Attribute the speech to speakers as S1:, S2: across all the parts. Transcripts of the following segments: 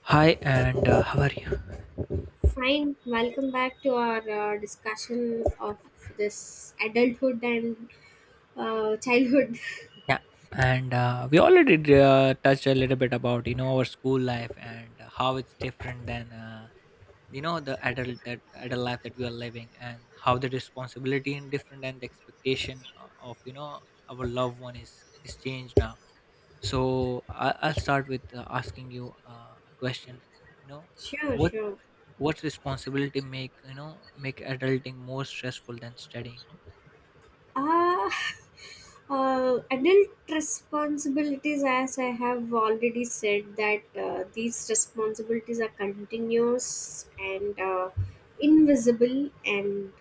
S1: Hi, and how are you?
S2: Fine, welcome back to our discussion of this adulthood and childhood.
S1: Yeah, and we already touched a little bit about our school life and how it's different than the adult life that we are living, and how the responsibility and different and the expectation of you know our loved one is changed now. So I'll start with asking you a question. You know,
S2: Sure,
S1: what
S2: sure.
S1: what responsibility make make adulting more stressful than studying?
S2: Uh, adult responsibilities, as I have already said, that these responsibilities are continuous and invisible, and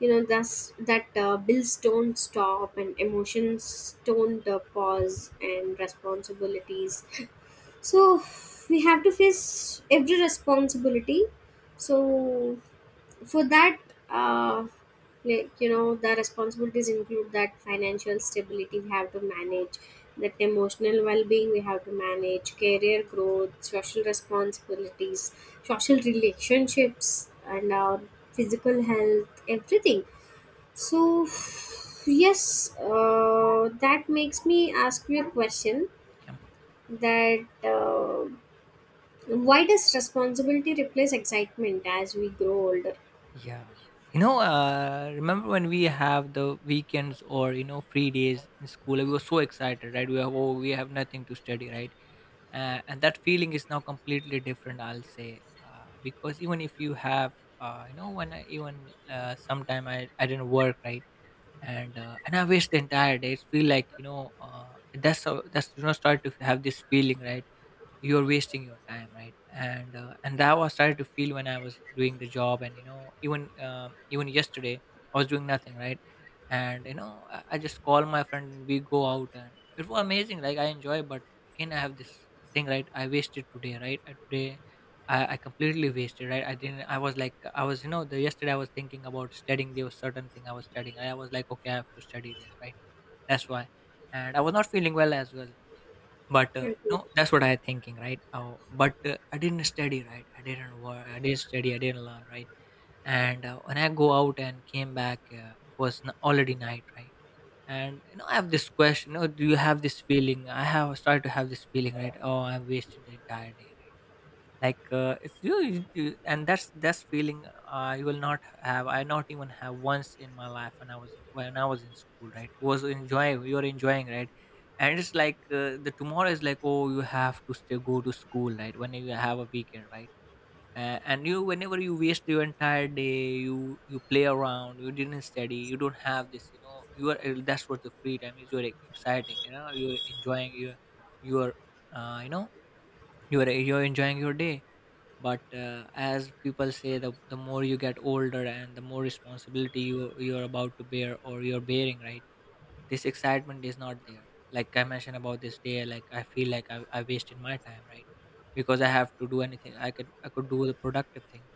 S2: you know, thus that bills don't stop and emotions don't pause, and responsibilities. So we have to face every responsibility. So for that, uh, the responsibilities include that financial stability we have to manage, that emotional well-being we have to manage, career growth, social responsibilities, social relationships, and our physical health, everything. So yes, that makes me ask you a question
S1: Yeah.
S2: that. Why does responsibility replace excitement as we grow older?
S1: Yeah. Remember when we have the weekends or free days in school? We were so excited, right? We we have nothing to study, right? And that feeling is now completely different, I'll say, because even if you have, when I even sometime I didn't work, right? And I waste the entire day. It feel like that's how that's start to have this feeling, right? You're wasting your time, right? And that was started to feel when I was doing the job. And even yesterday I was doing nothing, right? And I just call my friend and we go out, and it was amazing, like I enjoy. But again I have this thing, right? I wasted today, right? Today I completely wasted, right? I didn't I was like I was the yesterday I was thinking about studying. There was certain thing I was studying, I was like, okay, I have to study this, right? That's why. And I was not feeling well as well. But,
S2: Okay.
S1: no, that's what I thinking, right? Oh, but I didn't study, right? I didn't work, I didn't study, I didn't learn, right? And when I go out and came back, already night, right? And I have this question. You know, do you have this feeling? I have started to have this feeling, right? Oh, I wasted the entire day, right? It's and that's feeling I will not have. I not even have once in my life when I was when I was in school, right? Was enjoying, you're enjoying, right? And it's like, the tomorrow is like, oh, you have to still go to school, right, when you have a weekend, right? And you whenever you waste your entire day, you play around, you didn't study, you don't have this, you know, you are that's what the free time is, you're exciting, you know, you're enjoying your uh, you know you're enjoying your day. But as people say, the more you get older and the more responsibility you you're about to bear or you're bearing, right, this excitement is not there. Like I mentioned about this day, like I feel like I wasted my time, right? Because I have to do anything, I could, I could do the productive thing.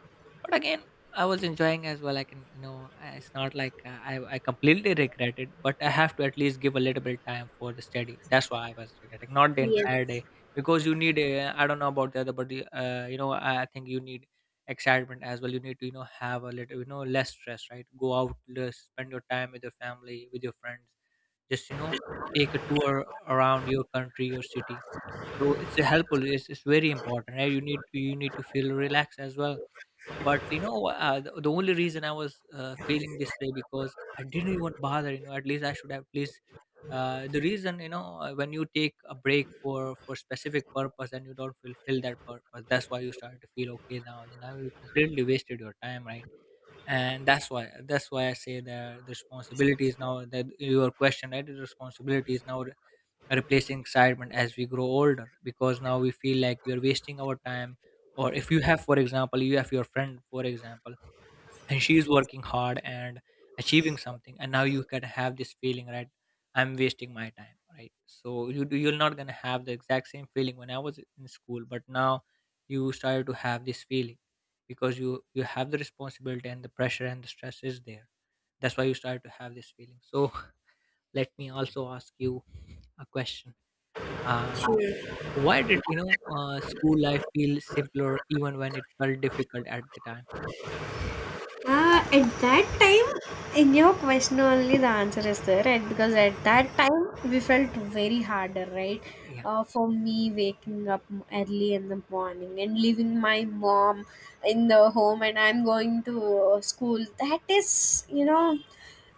S1: But again, I was enjoying as well. I can, you know, it's not like, I completely regret it, but I have to at least give a little bit time for the study. That's why I was regretting, not the entire
S2: Yes,
S1: day. Because you need a, I don't know about the other, but you know, I think you need excitement as well. You need to, you know, have a little, you know, less stress, right? Go out less, spend your time with your family, with your friends. Just, you know, take a tour around your country, your city. So it's a helpful, it's very important, right? You need, you need to feel relaxed as well. But the only reason I was feeling this way because I didn't even bother. You know, at least I should have. At least the reason, when you take a break for specific purpose and you don't fulfill that purpose, that's why you start to feel, okay, now, now you completely wasted your time, right? And that's why I say that the responsibility is now, that your question, right, the responsibility is now replacing excitement as we grow older, because now we feel like we are wasting our time. Or if you have, for example, you have your friend, for example, and she's working hard and achieving something, and now you can have this feeling, right? I'm wasting my time, right? So you're not going to have the exact same feeling when I was in school, but now you started to have this feeling, because you have the responsibility, and the pressure and the stress is there. That's why you started to have this feeling. So let me also ask you a question. uh,
S2: sure.
S1: why did, you know, school life feel simpler even when it felt difficult at the time?
S2: At that time, in your question only the answer is there, right? Because at that time we felt very harder, right?
S1: Yeah, yeah.
S2: For me, waking up early in the morning and leaving my mom in the home, and I'm going to school. That is, you know,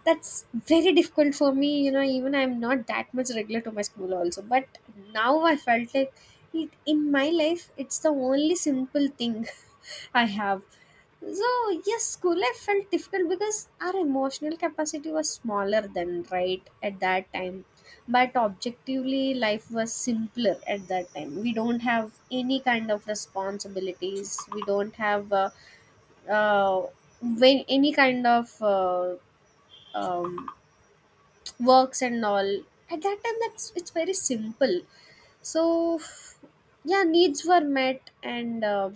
S2: that's very difficult for me. You know, even I'm not that much regular to my school also, but now I felt like it, in my life it's the only simple thing I have. So yes, school life felt difficult because our emotional capacity was smaller then, right, at that time. But objectively life was simpler at that time. We don't have any kind of responsibilities, we don't have uh, when any kind of um, works and all. At that time, that's, it's very simple. So yeah, needs were met and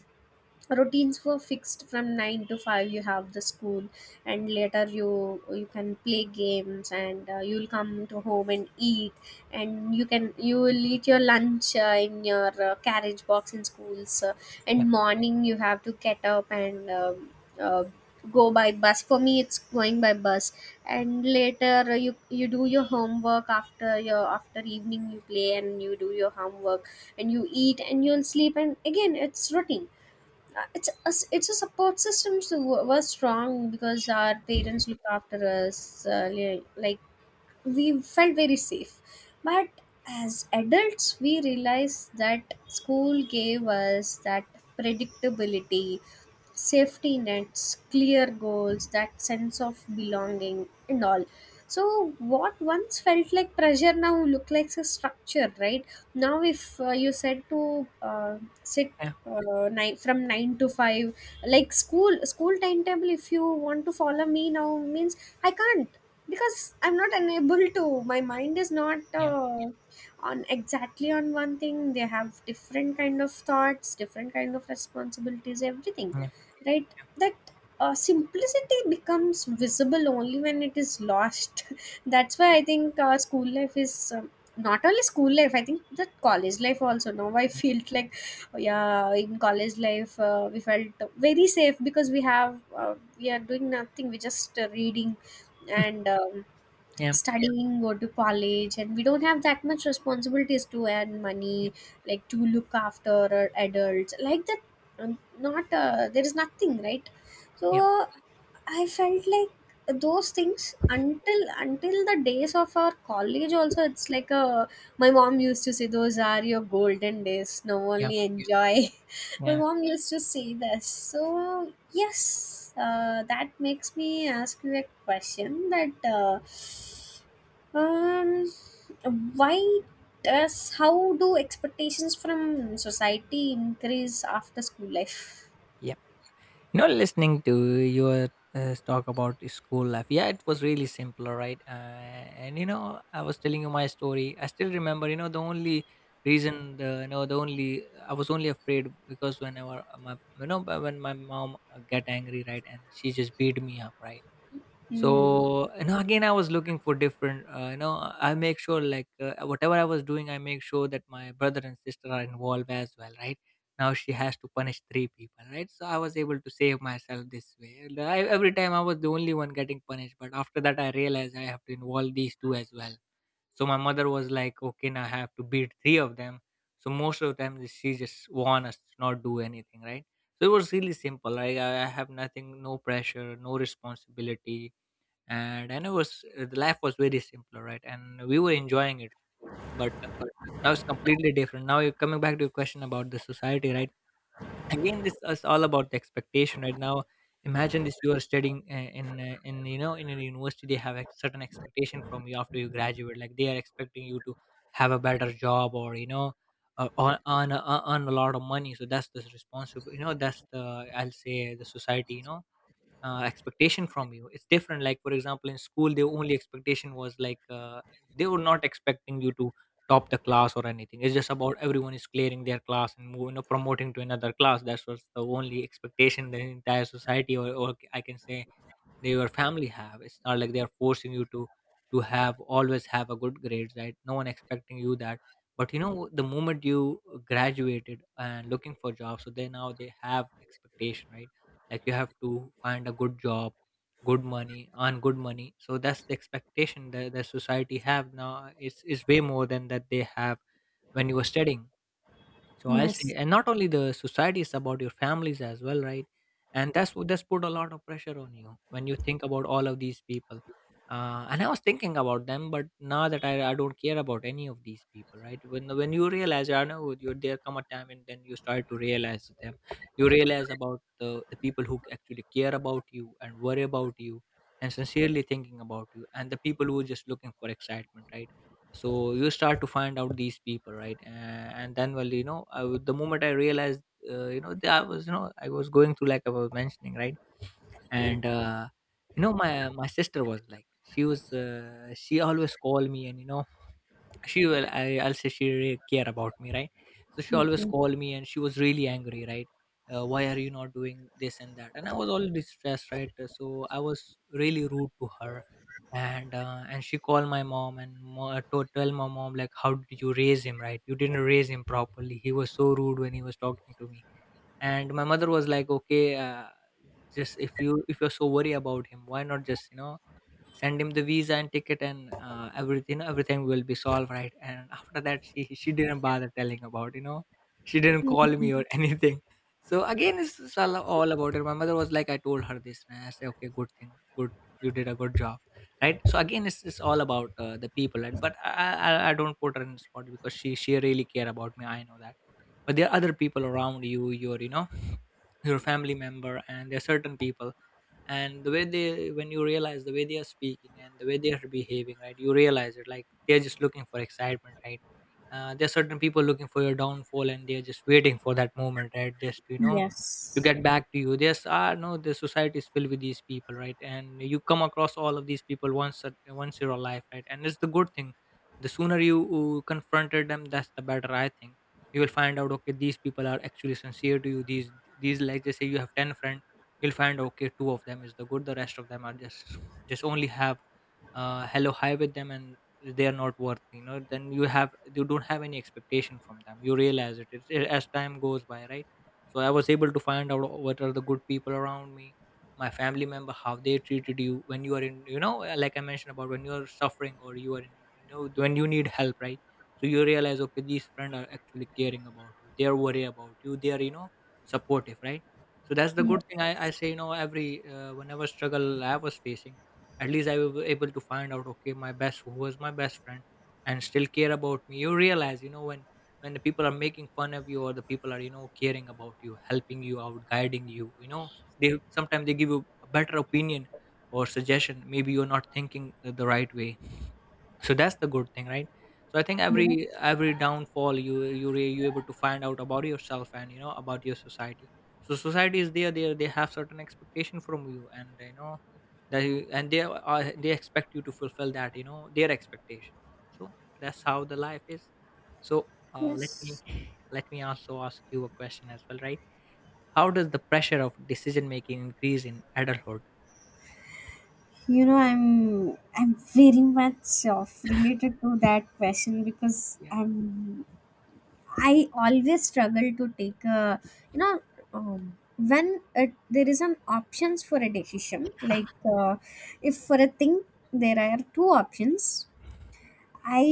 S2: routines were fixed from 9 to 5. You have the school, and later you you can play games and you'll come to home and eat, and you can, you will eat your lunch in your carriage box in schools.
S1: Okay.
S2: And morning you have to get up and uh, go by bus. For me it's going by bus. And later, you you do your homework after your, after evening you play and you do your homework, and you eat and you'll sleep, and again it's routine. It's a, it's a support system, so was strong because our parents looked after us. Like, we felt very safe. But as adults we realized that school gave us that predictability, safety nets, clear goals, that sense of belonging, and all. So, what once felt like pressure now look like a structure, right? Now, if you said to sit
S1: Yeah,
S2: nine, from nine to five,
S1: yeah,
S2: like school school timetable, if you want to follow me now, means I can't, because I'm not, unable to. My mind is not
S1: yeah,
S2: on exactly on one thing. They have different kind of thoughts, different kind of responsibilities, everything,
S1: yeah,
S2: right? That simplicity becomes visible only when it is lost. That's why I think school life is not only school life, I think that college life also now I
S1: yeah,
S2: feel like. Yeah, in college life we felt very safe because we have we are doing nothing, we just reading and
S1: yeah,
S2: studying, go to college, and we don't have that much responsibilities to earn money,
S1: yep,
S2: like to look after our adults, like that. Not there is nothing, right? So I felt like those things until the days of our college also it's like a, my mom used to say those are your golden days, now
S1: yep,
S2: only enjoy. My
S1: yeah,
S2: mom used to say this. So yes, that makes me ask you a question that um why does, how do expectations from society increase after school life?
S1: yep. You know, listening to your talk about school life, yeah, it was really simpler, right? And you know, I was telling you my story. I still remember, you know, the only reason, the you know, the only, I was only afraid because whenever my, you know, when my mom get angry, right, and she just beat me up, right.
S2: Hmm.
S1: So you know, again I was looking for different, you know, I make sure, like, whatever I was doing, I make sure that my brother and sister are involved as well, right? Now she has to punish three people, right? So I was able to save myself this way. Every time I was the only one getting punished, but after that I realized I have to involve these two as well. So my mother was like, okay, now I have to beat three of them. So most of the time she just warned us to not do anything, right? So it was really simple. I have nothing, no pressure, no responsibility. And it was, the life was very simpler, right? And we were enjoying it. But now it's completely different. Now you're coming back to your question about the society, right? Again, this is all about the expectation, right? Now imagine this: you are studying in, you know, in a university, they have a certain expectation from you after you graduate, like they are expecting you to have a better job, or you know. Uh, earn, earn, earn a lot of money. So that's the responsible, you know, that's the, I'll say, the society, you know, expectation from you. It's different, like, for example, in school the only expectation was like, they were not expecting you to top the class or anything. It's just about everyone is clearing their class and moving or promoting to another class. That was the only expectation the entire society, or I can say they, your family have. It's not like they are forcing you to have always have a good grades, right? No one expecting you that. But you know, the moment you graduated and looking for jobs, so they, now they have expectation, right? Like you have to find a good job, good money, earn good money. So that's the expectation that the society have now. Is way more than that they have when you were studying. So I'll say,
S2: Yes.
S1: and not only the society, it's about your families as well, right? And that's what, that's put a lot of pressure on you when you think about all of these people. And I was thinking about them, but now that I don't care about any of these people, right? When you realize, I know you, there come a time and then you start to realize them. You realize about the people who actually care about you and worry about you and sincerely thinking about you, and the people who are just looking for excitement, right? So you start to find out these people, right? And then, well, the moment I realized you know that I was going through, like I was mentioning, right. And you know my sister was like, she always called me, and you know I'll say she really care about me, right. So she always
S2: Okay.
S1: called me and she was really angry, right. Why are you not doing this and that, and I was all distressed, right. So I was really rude to her. And she called my mom and to tell my mom, like, how did you raise him, right? You didn't raise him properly. He was so rude when he was talking to me. And my mother was like, okay, just, if you're so worried about him, why not just, you know, send him the visa and ticket, and everything will be solved, right. And after that, she didn't bother telling about, you know, she didn't
S2: Yeah.
S1: call me or anything. So again, it's all about it. My mother was like, I told her this, and I said, okay, good thing, good. You did a good job. Right. So again, it's all about the people, right? I don't put her in the spot because she really care about me, I know that. But there are other people around you, your, you know, your family member, and there are certain people, and the way they when you realize the way they are speaking and the way they are behaving, right, you realize it, like, they're just looking for excitement, right. There are certain people looking for your downfall, and they're just waiting for that moment, right, just to, you know, to
S2: Yes.
S1: get back to you. There's, ah, no, the society is filled with these people, right. And you come across all of these people once in your life, right, and it's the good thing. The sooner you confronted them, that's the better, I think. You will find out, okay, these people are actually sincere to you, these like, just say you have 10 friends. You'll find, okay, two of them is the good, the rest of them are just only have hello, hi with them, and they are not worth, you know, then you don't have any expectation from them, you realize it as time goes by, right. So I was able to find out what are the good people around me, my family member, how they treated you when you are in, you know, like I mentioned about when you are suffering, or you are in, you know, when you need help, right. So you realize, okay, these friends are actually caring about you, they are worried about you, they are, you know, supportive, right. So that's the
S2: Yes.
S1: good thing. I say, you know, every, whenever struggle I was facing, at least I was able to find out, okay, my best, who was my best friend, and still care about me. You realize, you know, when the people are making fun of you, or the people are, you know, caring about you, helping you out, guiding you, you know, they sometimes they give you a better opinion or suggestion. Maybe you're not thinking the right way. So that's the good thing, right. So I think
S2: Yes.
S1: every downfall you able to find out about yourself, and you know about your society. So society is there, they have certain expectation from you, and you know that you, and they expect you to fulfill that, you know, their expectation. So that's how the life is. So let me
S2: Yes.
S1: let me also ask you a question as well, right? How does the pressure of decision making increase in adulthood?
S2: You know, I'm very much of related to that question because
S1: Yeah,
S2: I always struggle to take a, you know, when it, there is an options for a decision like if for a thing there are two options. I,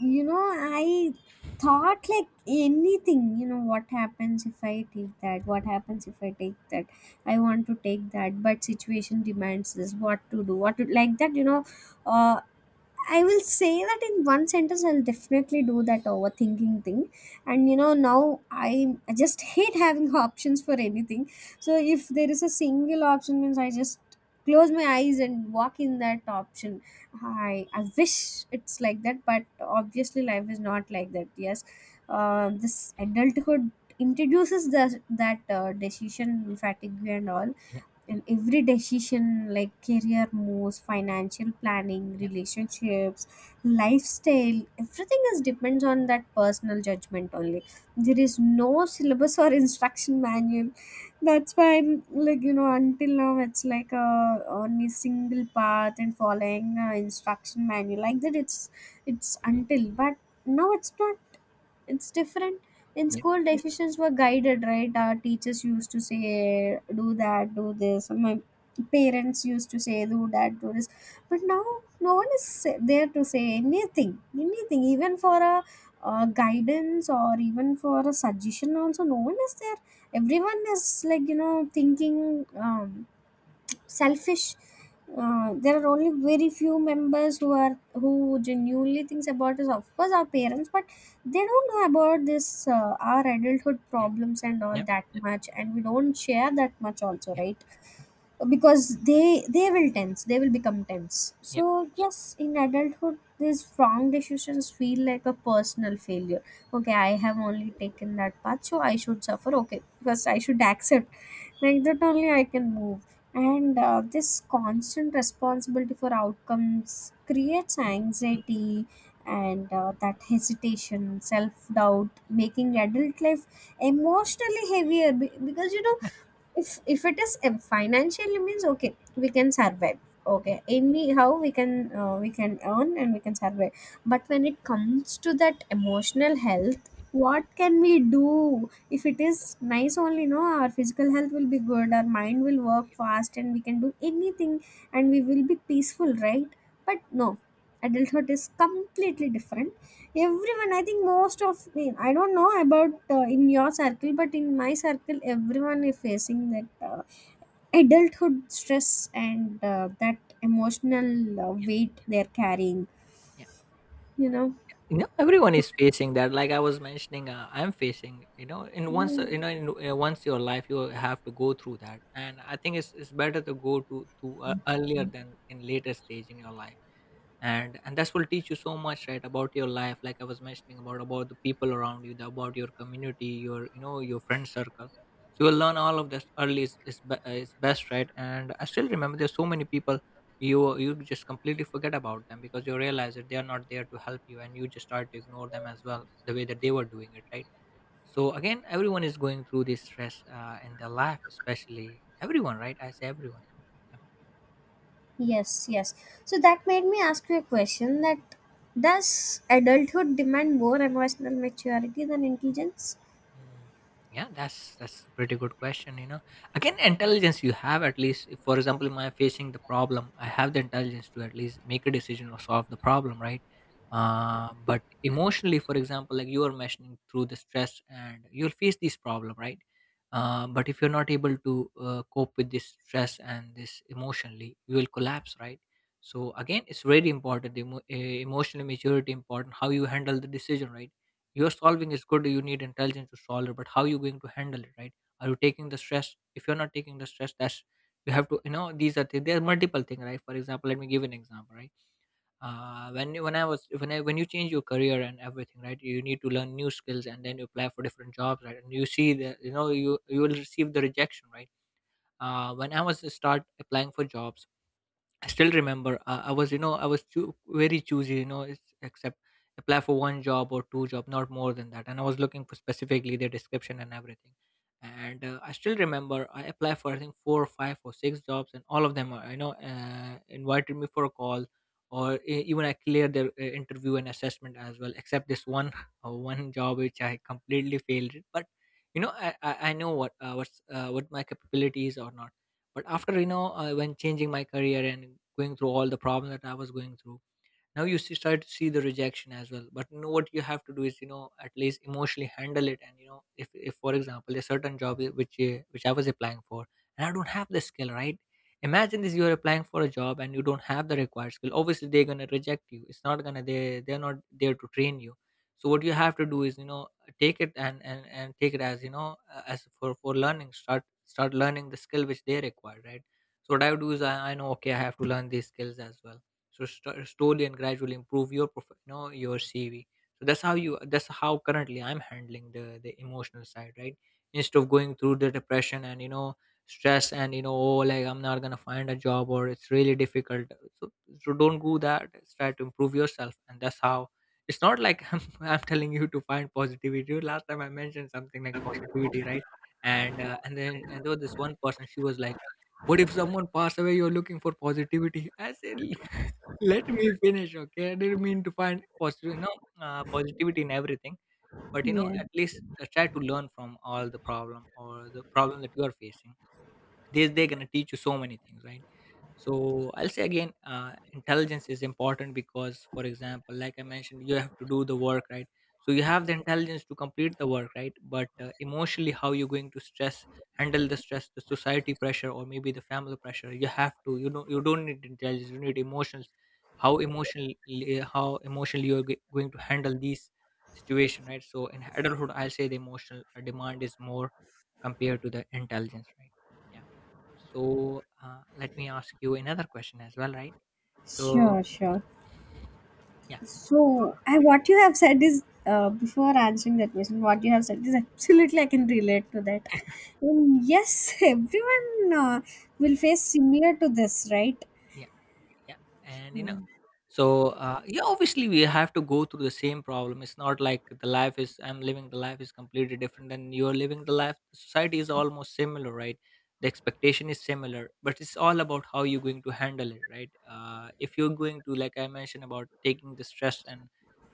S2: you know, I thought like anything, you know, what happens if I take that? What happens if I take that? I want to take that, but situation demands this. What to do? What to, like that? You know, uh, I will say that in one sentence, I'll definitely do that overthinking thing. And you know, now I just hate having options for anything. So if there is a single option, means I just close my eyes and walk in that option. I wish it's like that, but obviously, life is not like that. Yes, this adulthood introduces the, that decision fatigue and all,
S1: yeah,
S2: and every decision, like career moves, financial planning,
S1: yeah,
S2: relationships, lifestyle, everything is depends on that personal judgment only. There is no syllabus or instruction manual. That's why I'm, like you know, until now it's like a on a single path and following instruction manual like that. It's until, but now it's not, it's different. In
S1: yeah,
S2: school decisions were guided, right? Our teachers used to say do that, do this, and my parents used to say do that, do this. But now no one is there to say anything, anything, even for a guidance or even for a suggestion also, no one is there. Everyone is, like you know, thinking, selfish. There are only very few members who are who genuinely thinks about this. Of course, our parents, but they don't know about this our adulthood
S1: yeah,
S2: problems and all
S1: yeah,
S2: that much, and we don't share that much also,
S1: yeah,
S2: right? Because they will tense, they will become tense.
S1: yeah,
S2: So yes, in adulthood these wrong decisions feel like a personal failure. Okay, I have only taken that path, so I should suffer, okay, because I should accept, like that only I can move. And this constant responsibility for outcomes creates
S1: mm,
S2: anxiety, and that hesitation, self doubt, making adult life emotionally heavier. Because you know, if it is a financial, means okay, we can survive,
S1: yeah.
S2: okay, anyhow we can earn and we can survive. But when it comes to that emotional health, what can we do? If it is nice only, no, our physical health will be good, our mind will work fast, and we can do anything, and we will be peaceful, right? But no, adulthood is completely different. Everyone, I think most of me, I don't know about in your circle, but in my circle, everyone is facing that adulthood stress and that emotional weight they're carrying,
S1: Yeah.
S2: you know.
S1: You know, everyone is facing that. Like I was mentioning, I'm facing. You know, in once,
S2: Yeah.
S1: you know, in once your life, you have to go through that, and I think it's better to go to earlier than in later stage in your life. And that will teach you so much, right, about your life, like I was mentioning about the people around you, about your community, your, you know, your friend circle. So you'll learn all of this early, is best, right. And I still remember there's so many people, you just completely forget about them because you realize that they are not there to help you, and you just start to ignore them as well, the way that they were doing it, right. So again, everyone is going through this stress in their life, especially everyone, right, I say everyone.
S2: Yes, yes. So that made me ask you a question that, does adulthood demand more emotional maturity than intelligence?
S1: Mm. Yeah, that's a pretty good question. You know, again, intelligence you have at least. If, for example, am I facing the problem? I have the intelligence to at least make a decision or solve the problem, right? But emotionally, for example, like you are mentioning through the stress, and you'll face this problem, right? But if you're not able to cope with this stress and this emotionally, you will collapse, right? So again, it's very important. The emotional maturity important. How you handle the decision, right? Your solving is good, you need intelligence to solve it, but how you going to handle it, right? Are you taking the stress? If you're not taking the stress, that's, you have to, you know, there are multiple things, right? For example, let me give an example, right. When you when I was when I when you change your career and everything, right, you need to learn new skills, and then you apply for different jobs, right, and you see that, you know, you will receive the rejection, right. When I was start applying for jobs, I still remember, I was you know I was choo- very choosy, you know, except, apply for one job or two job, not more than that, and I was looking for specifically the description and everything. And I still remember I applied for, I think, four or five or six jobs, and all of them invited me for a call, or even I cleared their interview and assessment as well, except this one one job which I completely failed it, but you know I know what what my capabilities or not. But after, you know, when changing my career and going through all the problems that I was going through, now you see, start to see the rejection as well, but you know what you have to do is, you know, at least emotionally handle it. And you know, if for example a certain job which I was applying for, and I don't have the skill, right. Imagine this, you're applying for a job and you don't have the required skill, obviously they're going to reject you. It's not going to, they're not there to train you. So what you have to do is, you know, take it, and and take it as, you know, as for learning, start learning the skill which they require, right. So what I would do is, I know, okay, I have to learn these skills as well. So slowly and gradually improve your you know, your CV. So that's how you, that's how currently I'm handling the emotional side, right. Instead of going through the depression and, you know, stress, and, you know, oh, like, I'm not gonna find a job, or it's really difficult. So, so don't go that, try to improve yourself, and that's how. It's not like I'm telling you to find positivity. Last time I mentioned something like positivity, right. And uh, and then and there was this one person, she was like, what if someone pass away, you're looking for positivity. I said, let me finish, okay? I didn't mean to find positive, you know, positivity in everything, but you know,
S2: Yeah,
S1: at least try to learn from all the problem or the problem that you are facing. This, they're going to teach you so many things, right. So I'll say again, intelligence is important because, for example, like I mentioned, you have to do the work, right. So you have the intelligence to complete the work, right, but emotionally, how you're going to stress, handle the stress, the society pressure, or maybe the family pressure, you have to, you know, you don't need intelligence, you need emotions. How emotionally, how emotionally you're going to handle these situation, right. So in adulthood, I'll say the emotional demand is more compared to the intelligence, right. Yeah. So, let me ask you another question as well, right? So,
S2: sure, sure.
S1: yeah.
S2: So, I, what you have said is, before answering that question, what you have said is absolutely I can relate to that. And yes, everyone will face similar to this, right?
S1: yeah. yeah and you know
S2: Hmm.
S1: so Yeah, obviously we have to go through the same problem. It's not like the life is, I'm living the life is completely different than you're living the life. Society is almost similar, right? The expectation is similar, but it's all about how you're going to handle it, right? If you're going to, like I mentioned about taking the stress, and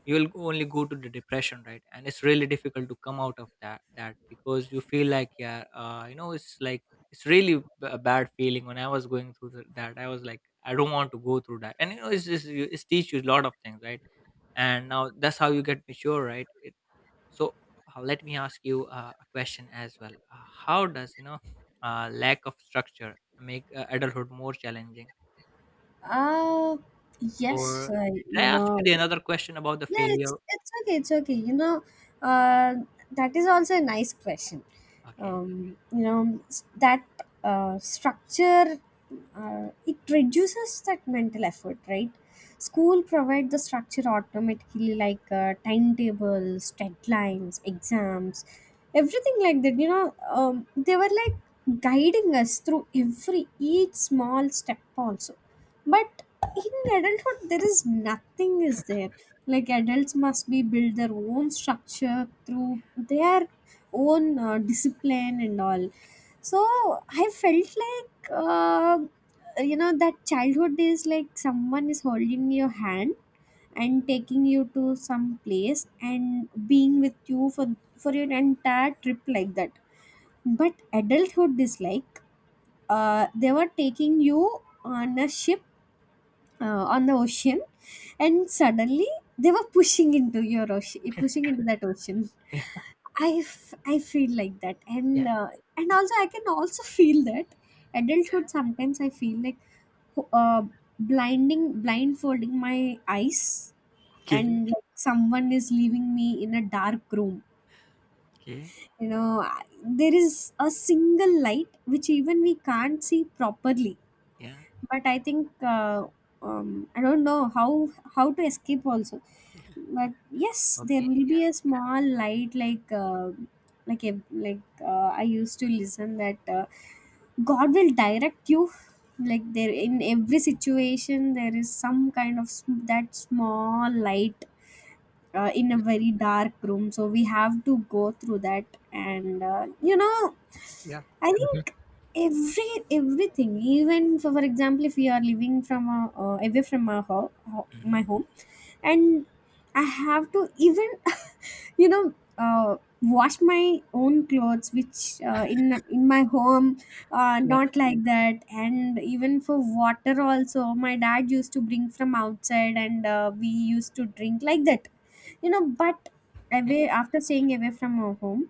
S1: only go to the depression, right? And it's really difficult to come out of that because you feel like, yeah, it's like it's really b- a bad feeling. When I was going through that, I was like, I don't want to go through that. And you know, it's just it's teach you a lot of things, right? And now that's how you get mature, right? it, so Let me ask you a question as well. How does lack of structure make adulthood more challenging?
S2: Uh,
S1: Or
S2: yes, uh,
S1: did
S2: you
S1: I ask
S2: know,
S1: you the another question about the
S2: yeah,
S1: failure?
S2: it's okay, it's okay. You know, uh, that is also a nice question.
S1: Okay.
S2: You know that structure, it reduces that mental effort, right? School provide the structure automatically, like timetables, deadlines, exams, everything like that, you know. They were like guiding us through every each small step also. But in adulthood there is nothing is there. Like adults must be build their own structure through their own discipline and all. So I felt like you know, that childhood is like someone is holding your hand and taking you to some place and being with you for your entire trip like that. But adulthood is like they were taking you on a ship on the ocean, and suddenly they were pushing into your ocean, eh, pushing into that ocean.
S1: Yeah.
S2: I, I feel like that.
S1: Yeah.
S2: And and also I can also feel that adulthood, sometimes I feel like, uh, blinding, blindfolding my eyes,
S1: Okay.
S2: and like someone is leaving me in a dark room.
S1: Okay.
S2: You know, there is a single light which even we can't see properly.
S1: Yeah.
S2: But I think I don't know how to escape also. But yes, there
S1: Okay.
S2: will be a small light like a, like I used to listen that God will direct you. Like there in every situation, there is some kind of that small light, in a
S1: Yeah.
S2: very dark room, so we have to go through that. And
S1: Yeah.
S2: I
S1: Mhm.
S2: think everything, even for example, if we are living away from our my
S1: Mhm.
S2: home,
S1: Yeah.
S2: and I have to even you know uh, wash my own clothes, which in my home, not like that. And even for water also, my dad used to bring from outside, and we used to drink like that, but
S1: Yeah. Mhm.
S2: away, after staying away from our home,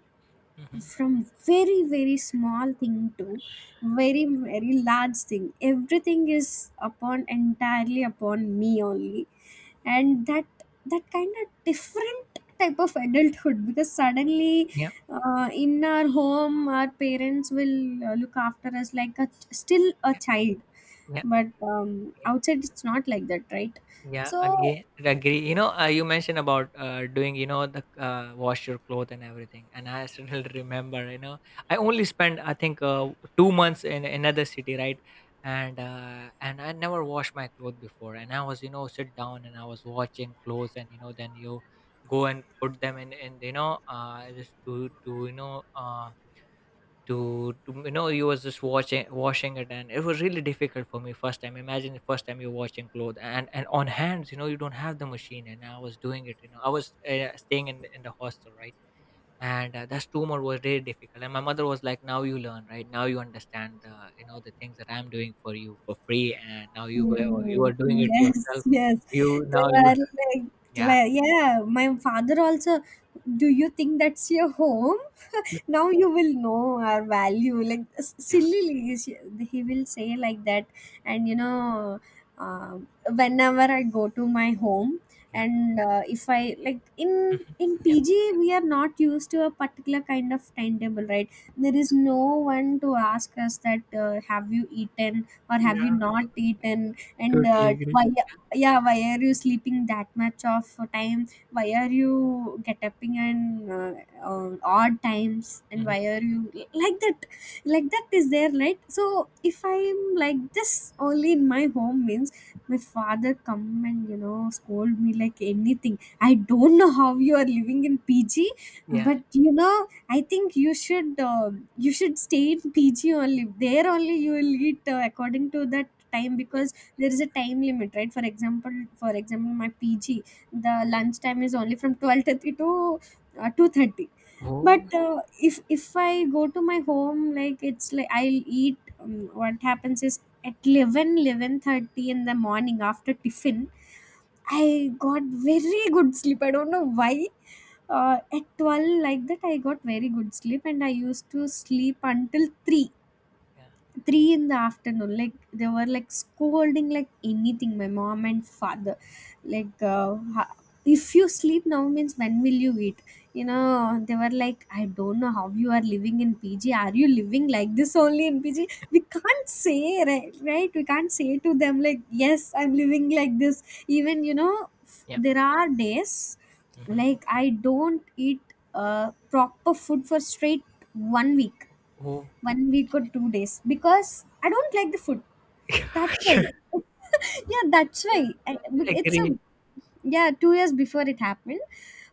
S1: Yeah. Mhm.
S2: from very, very small thing to very, very large thing, everything is upon, entirely upon me only. And that kind of different type of adulthood, because suddenly, in our home our parents will look after us like a still a child,
S1: Yeah.
S2: but
S1: Yeah.
S2: outside it's not like that, right?
S1: Yeah,
S2: So.
S1: again, agree. You know, you mentioned about doing, you know, the wash your clothes and everything. And I still remember, you know, I only spent, I think, 2 months in another city, right? And I never washed my clothes before. And I was, you know, sit down and I was watching clothes, and you know, then you go and put them in, and you know, just to you know you was just watching washing it. And it was really difficult for me first time. Imagine the first time you're washing clothes, and on hands, you know, you don't have the machine, and I was doing it. You know, I was staying in the hostel, right? And that tumor was really difficult. And my mother was like, now you learn, right? Now you understand the, you know, the things that I'm doing for you for free, and now you go, you are
S2: Mm.
S1: doing it
S2: Yes,
S1: yourself.
S2: yes.
S1: You
S2: They
S1: now you.
S2: were like,
S1: Yeah.
S2: yeah, my father also, do you think that's your home?
S1: Yeah.
S2: Now you will know our value. Like,
S1: Yeah.
S2: sillily, he will say like that. And,
S1: Yeah.
S2: uh, whenever I go to my home,
S1: Yeah.
S2: and if I like in
S1: Mhm.
S2: in
S1: Yeah.
S2: PG, we are not used to a particular kind of timetable, right? There is no one to ask us that, have you eaten, or have you
S1: Yeah,
S2: not eaten, and
S1: totally agree.
S2: why? Yeah, why are you sleeping that much of time? Why are you get upping and odd times, and
S1: Mhm.
S2: why are you like that like that is there, right? So if I'm like this only in my home, means, my father come and scold me like anything. I don't know how you are living in PG.
S1: Yeah.
S2: But I think you should stay in PG only. There only you will eat, according to that time,
S1: Yeah.
S2: because there is a time limit, right? For example, my PG the lunch time is only from 12:30 to 2:30.
S1: Oh.
S2: But if I go to my home, like it's like I'll eat. What happens is, at eleven eleven thirty in the morning, after tiffin, I got very good sleep. I don't know why. At 12, like that, I got very good sleep, and I used to sleep until 3. 3 in the afternoon, like they were like scolding like anything, my mom and father like, if you sleep now, means, when will you eat? you know they were like, I don't know how you are living in PG. Are you living like this only in PG? We can't say, right? We can't say to them, like, yes, I'm living like this. Even,
S1: Yeah.
S2: there are days
S1: Mhm.
S2: like I don't eat proper food for straight 1 week,
S1: Oh.
S2: or 2 days, because I don't like the food. That's why. Yeah, that's
S1: Yeah.
S2: why. But
S1: I. Yeah,
S2: it's a,
S1: agree.
S2: yeah, 2 years before it happened.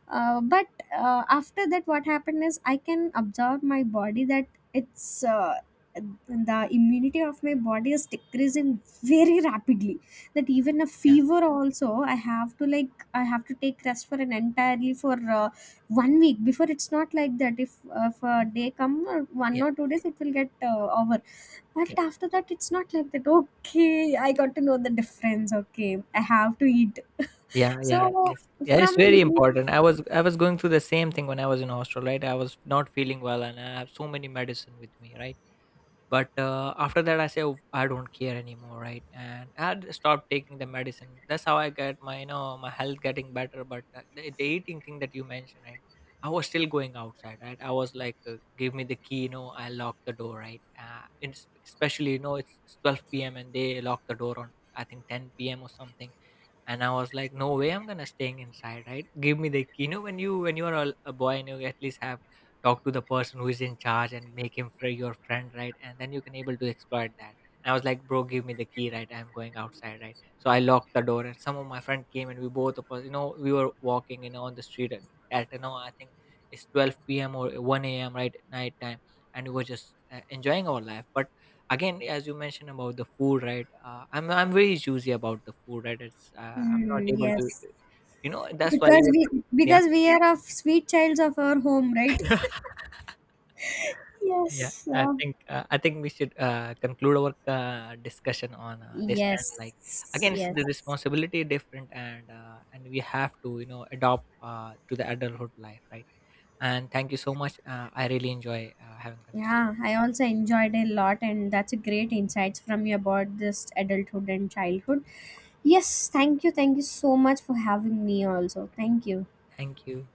S2: But after that, what happened is I can observe my body that it's, the immunity of my body is decreasing very rapidly. That even a
S1: Yeah,
S2: fever also, I have to take rest for an entirely, for 1 week. Before it's not like that. If a day come or one
S1: yeah,
S2: or two days, it will get over. But after that, it's not like that. Okay, I got to know the difference. Okay, I have to eat.
S1: yeah, yeah, yeah.
S2: so
S1: Yes, yeah. It's very
S2: from
S1: important. I was going through the same thing when I was in hostel, right? I was not feeling well, and I have so many medicine with me, right? But after that, I say, "Oh, I don't care anymore," right? And I had stopped taking the medicine. That's how I get my, you know, my health getting better. But the eating thing that you mentioned, right? I was still going outside, right? I was like, give me the key, you know, I lock the door, right? And especially, you know, it's 12 p.m. and they lock the door on, I think, 10 p.m. or something. And I was like, no way I'm gonna staying inside, right? Give me the key. You know, when you are a boy, and you at least have talk to the person who is in charge and make him free your friend, right? And then you can able to exploit that. And I was like, bro, give me the key, right? I'm going outside, right? So I locked the door, and some of my friend came, and we both of us, you know, we were walking, you know, on the street. And at, you know, I think it's 12 p.m or 1 a.m., right? Night time. And we were just enjoying our life. But again, as you mentioned about the food, right? I'm very choosy about the food, right? It's I'm not
S2: Hmm,
S1: able to,
S2: yes,
S1: you know, that's why
S2: because
S1: even,
S2: we
S1: yeah.
S2: because we are of sweet childs of our home, right?
S1: Yeah,
S2: Yes.
S1: I
S2: Uh,
S1: think, I think we should conclude our discussion on this. And
S2: yes.
S1: like, again, it's the
S2: Yes.
S1: responsibility different. And we have to, you know, adopt to the adulthood life, right? And thank you so much. I really enjoy having conversation
S2: Yeah,
S1: with
S2: I
S1: you.
S2: also enjoyed a lot, and that's a great insights from you about this adulthood and childhood. Yes, thank you so much for having me. Also, thank you.
S1: Thank you.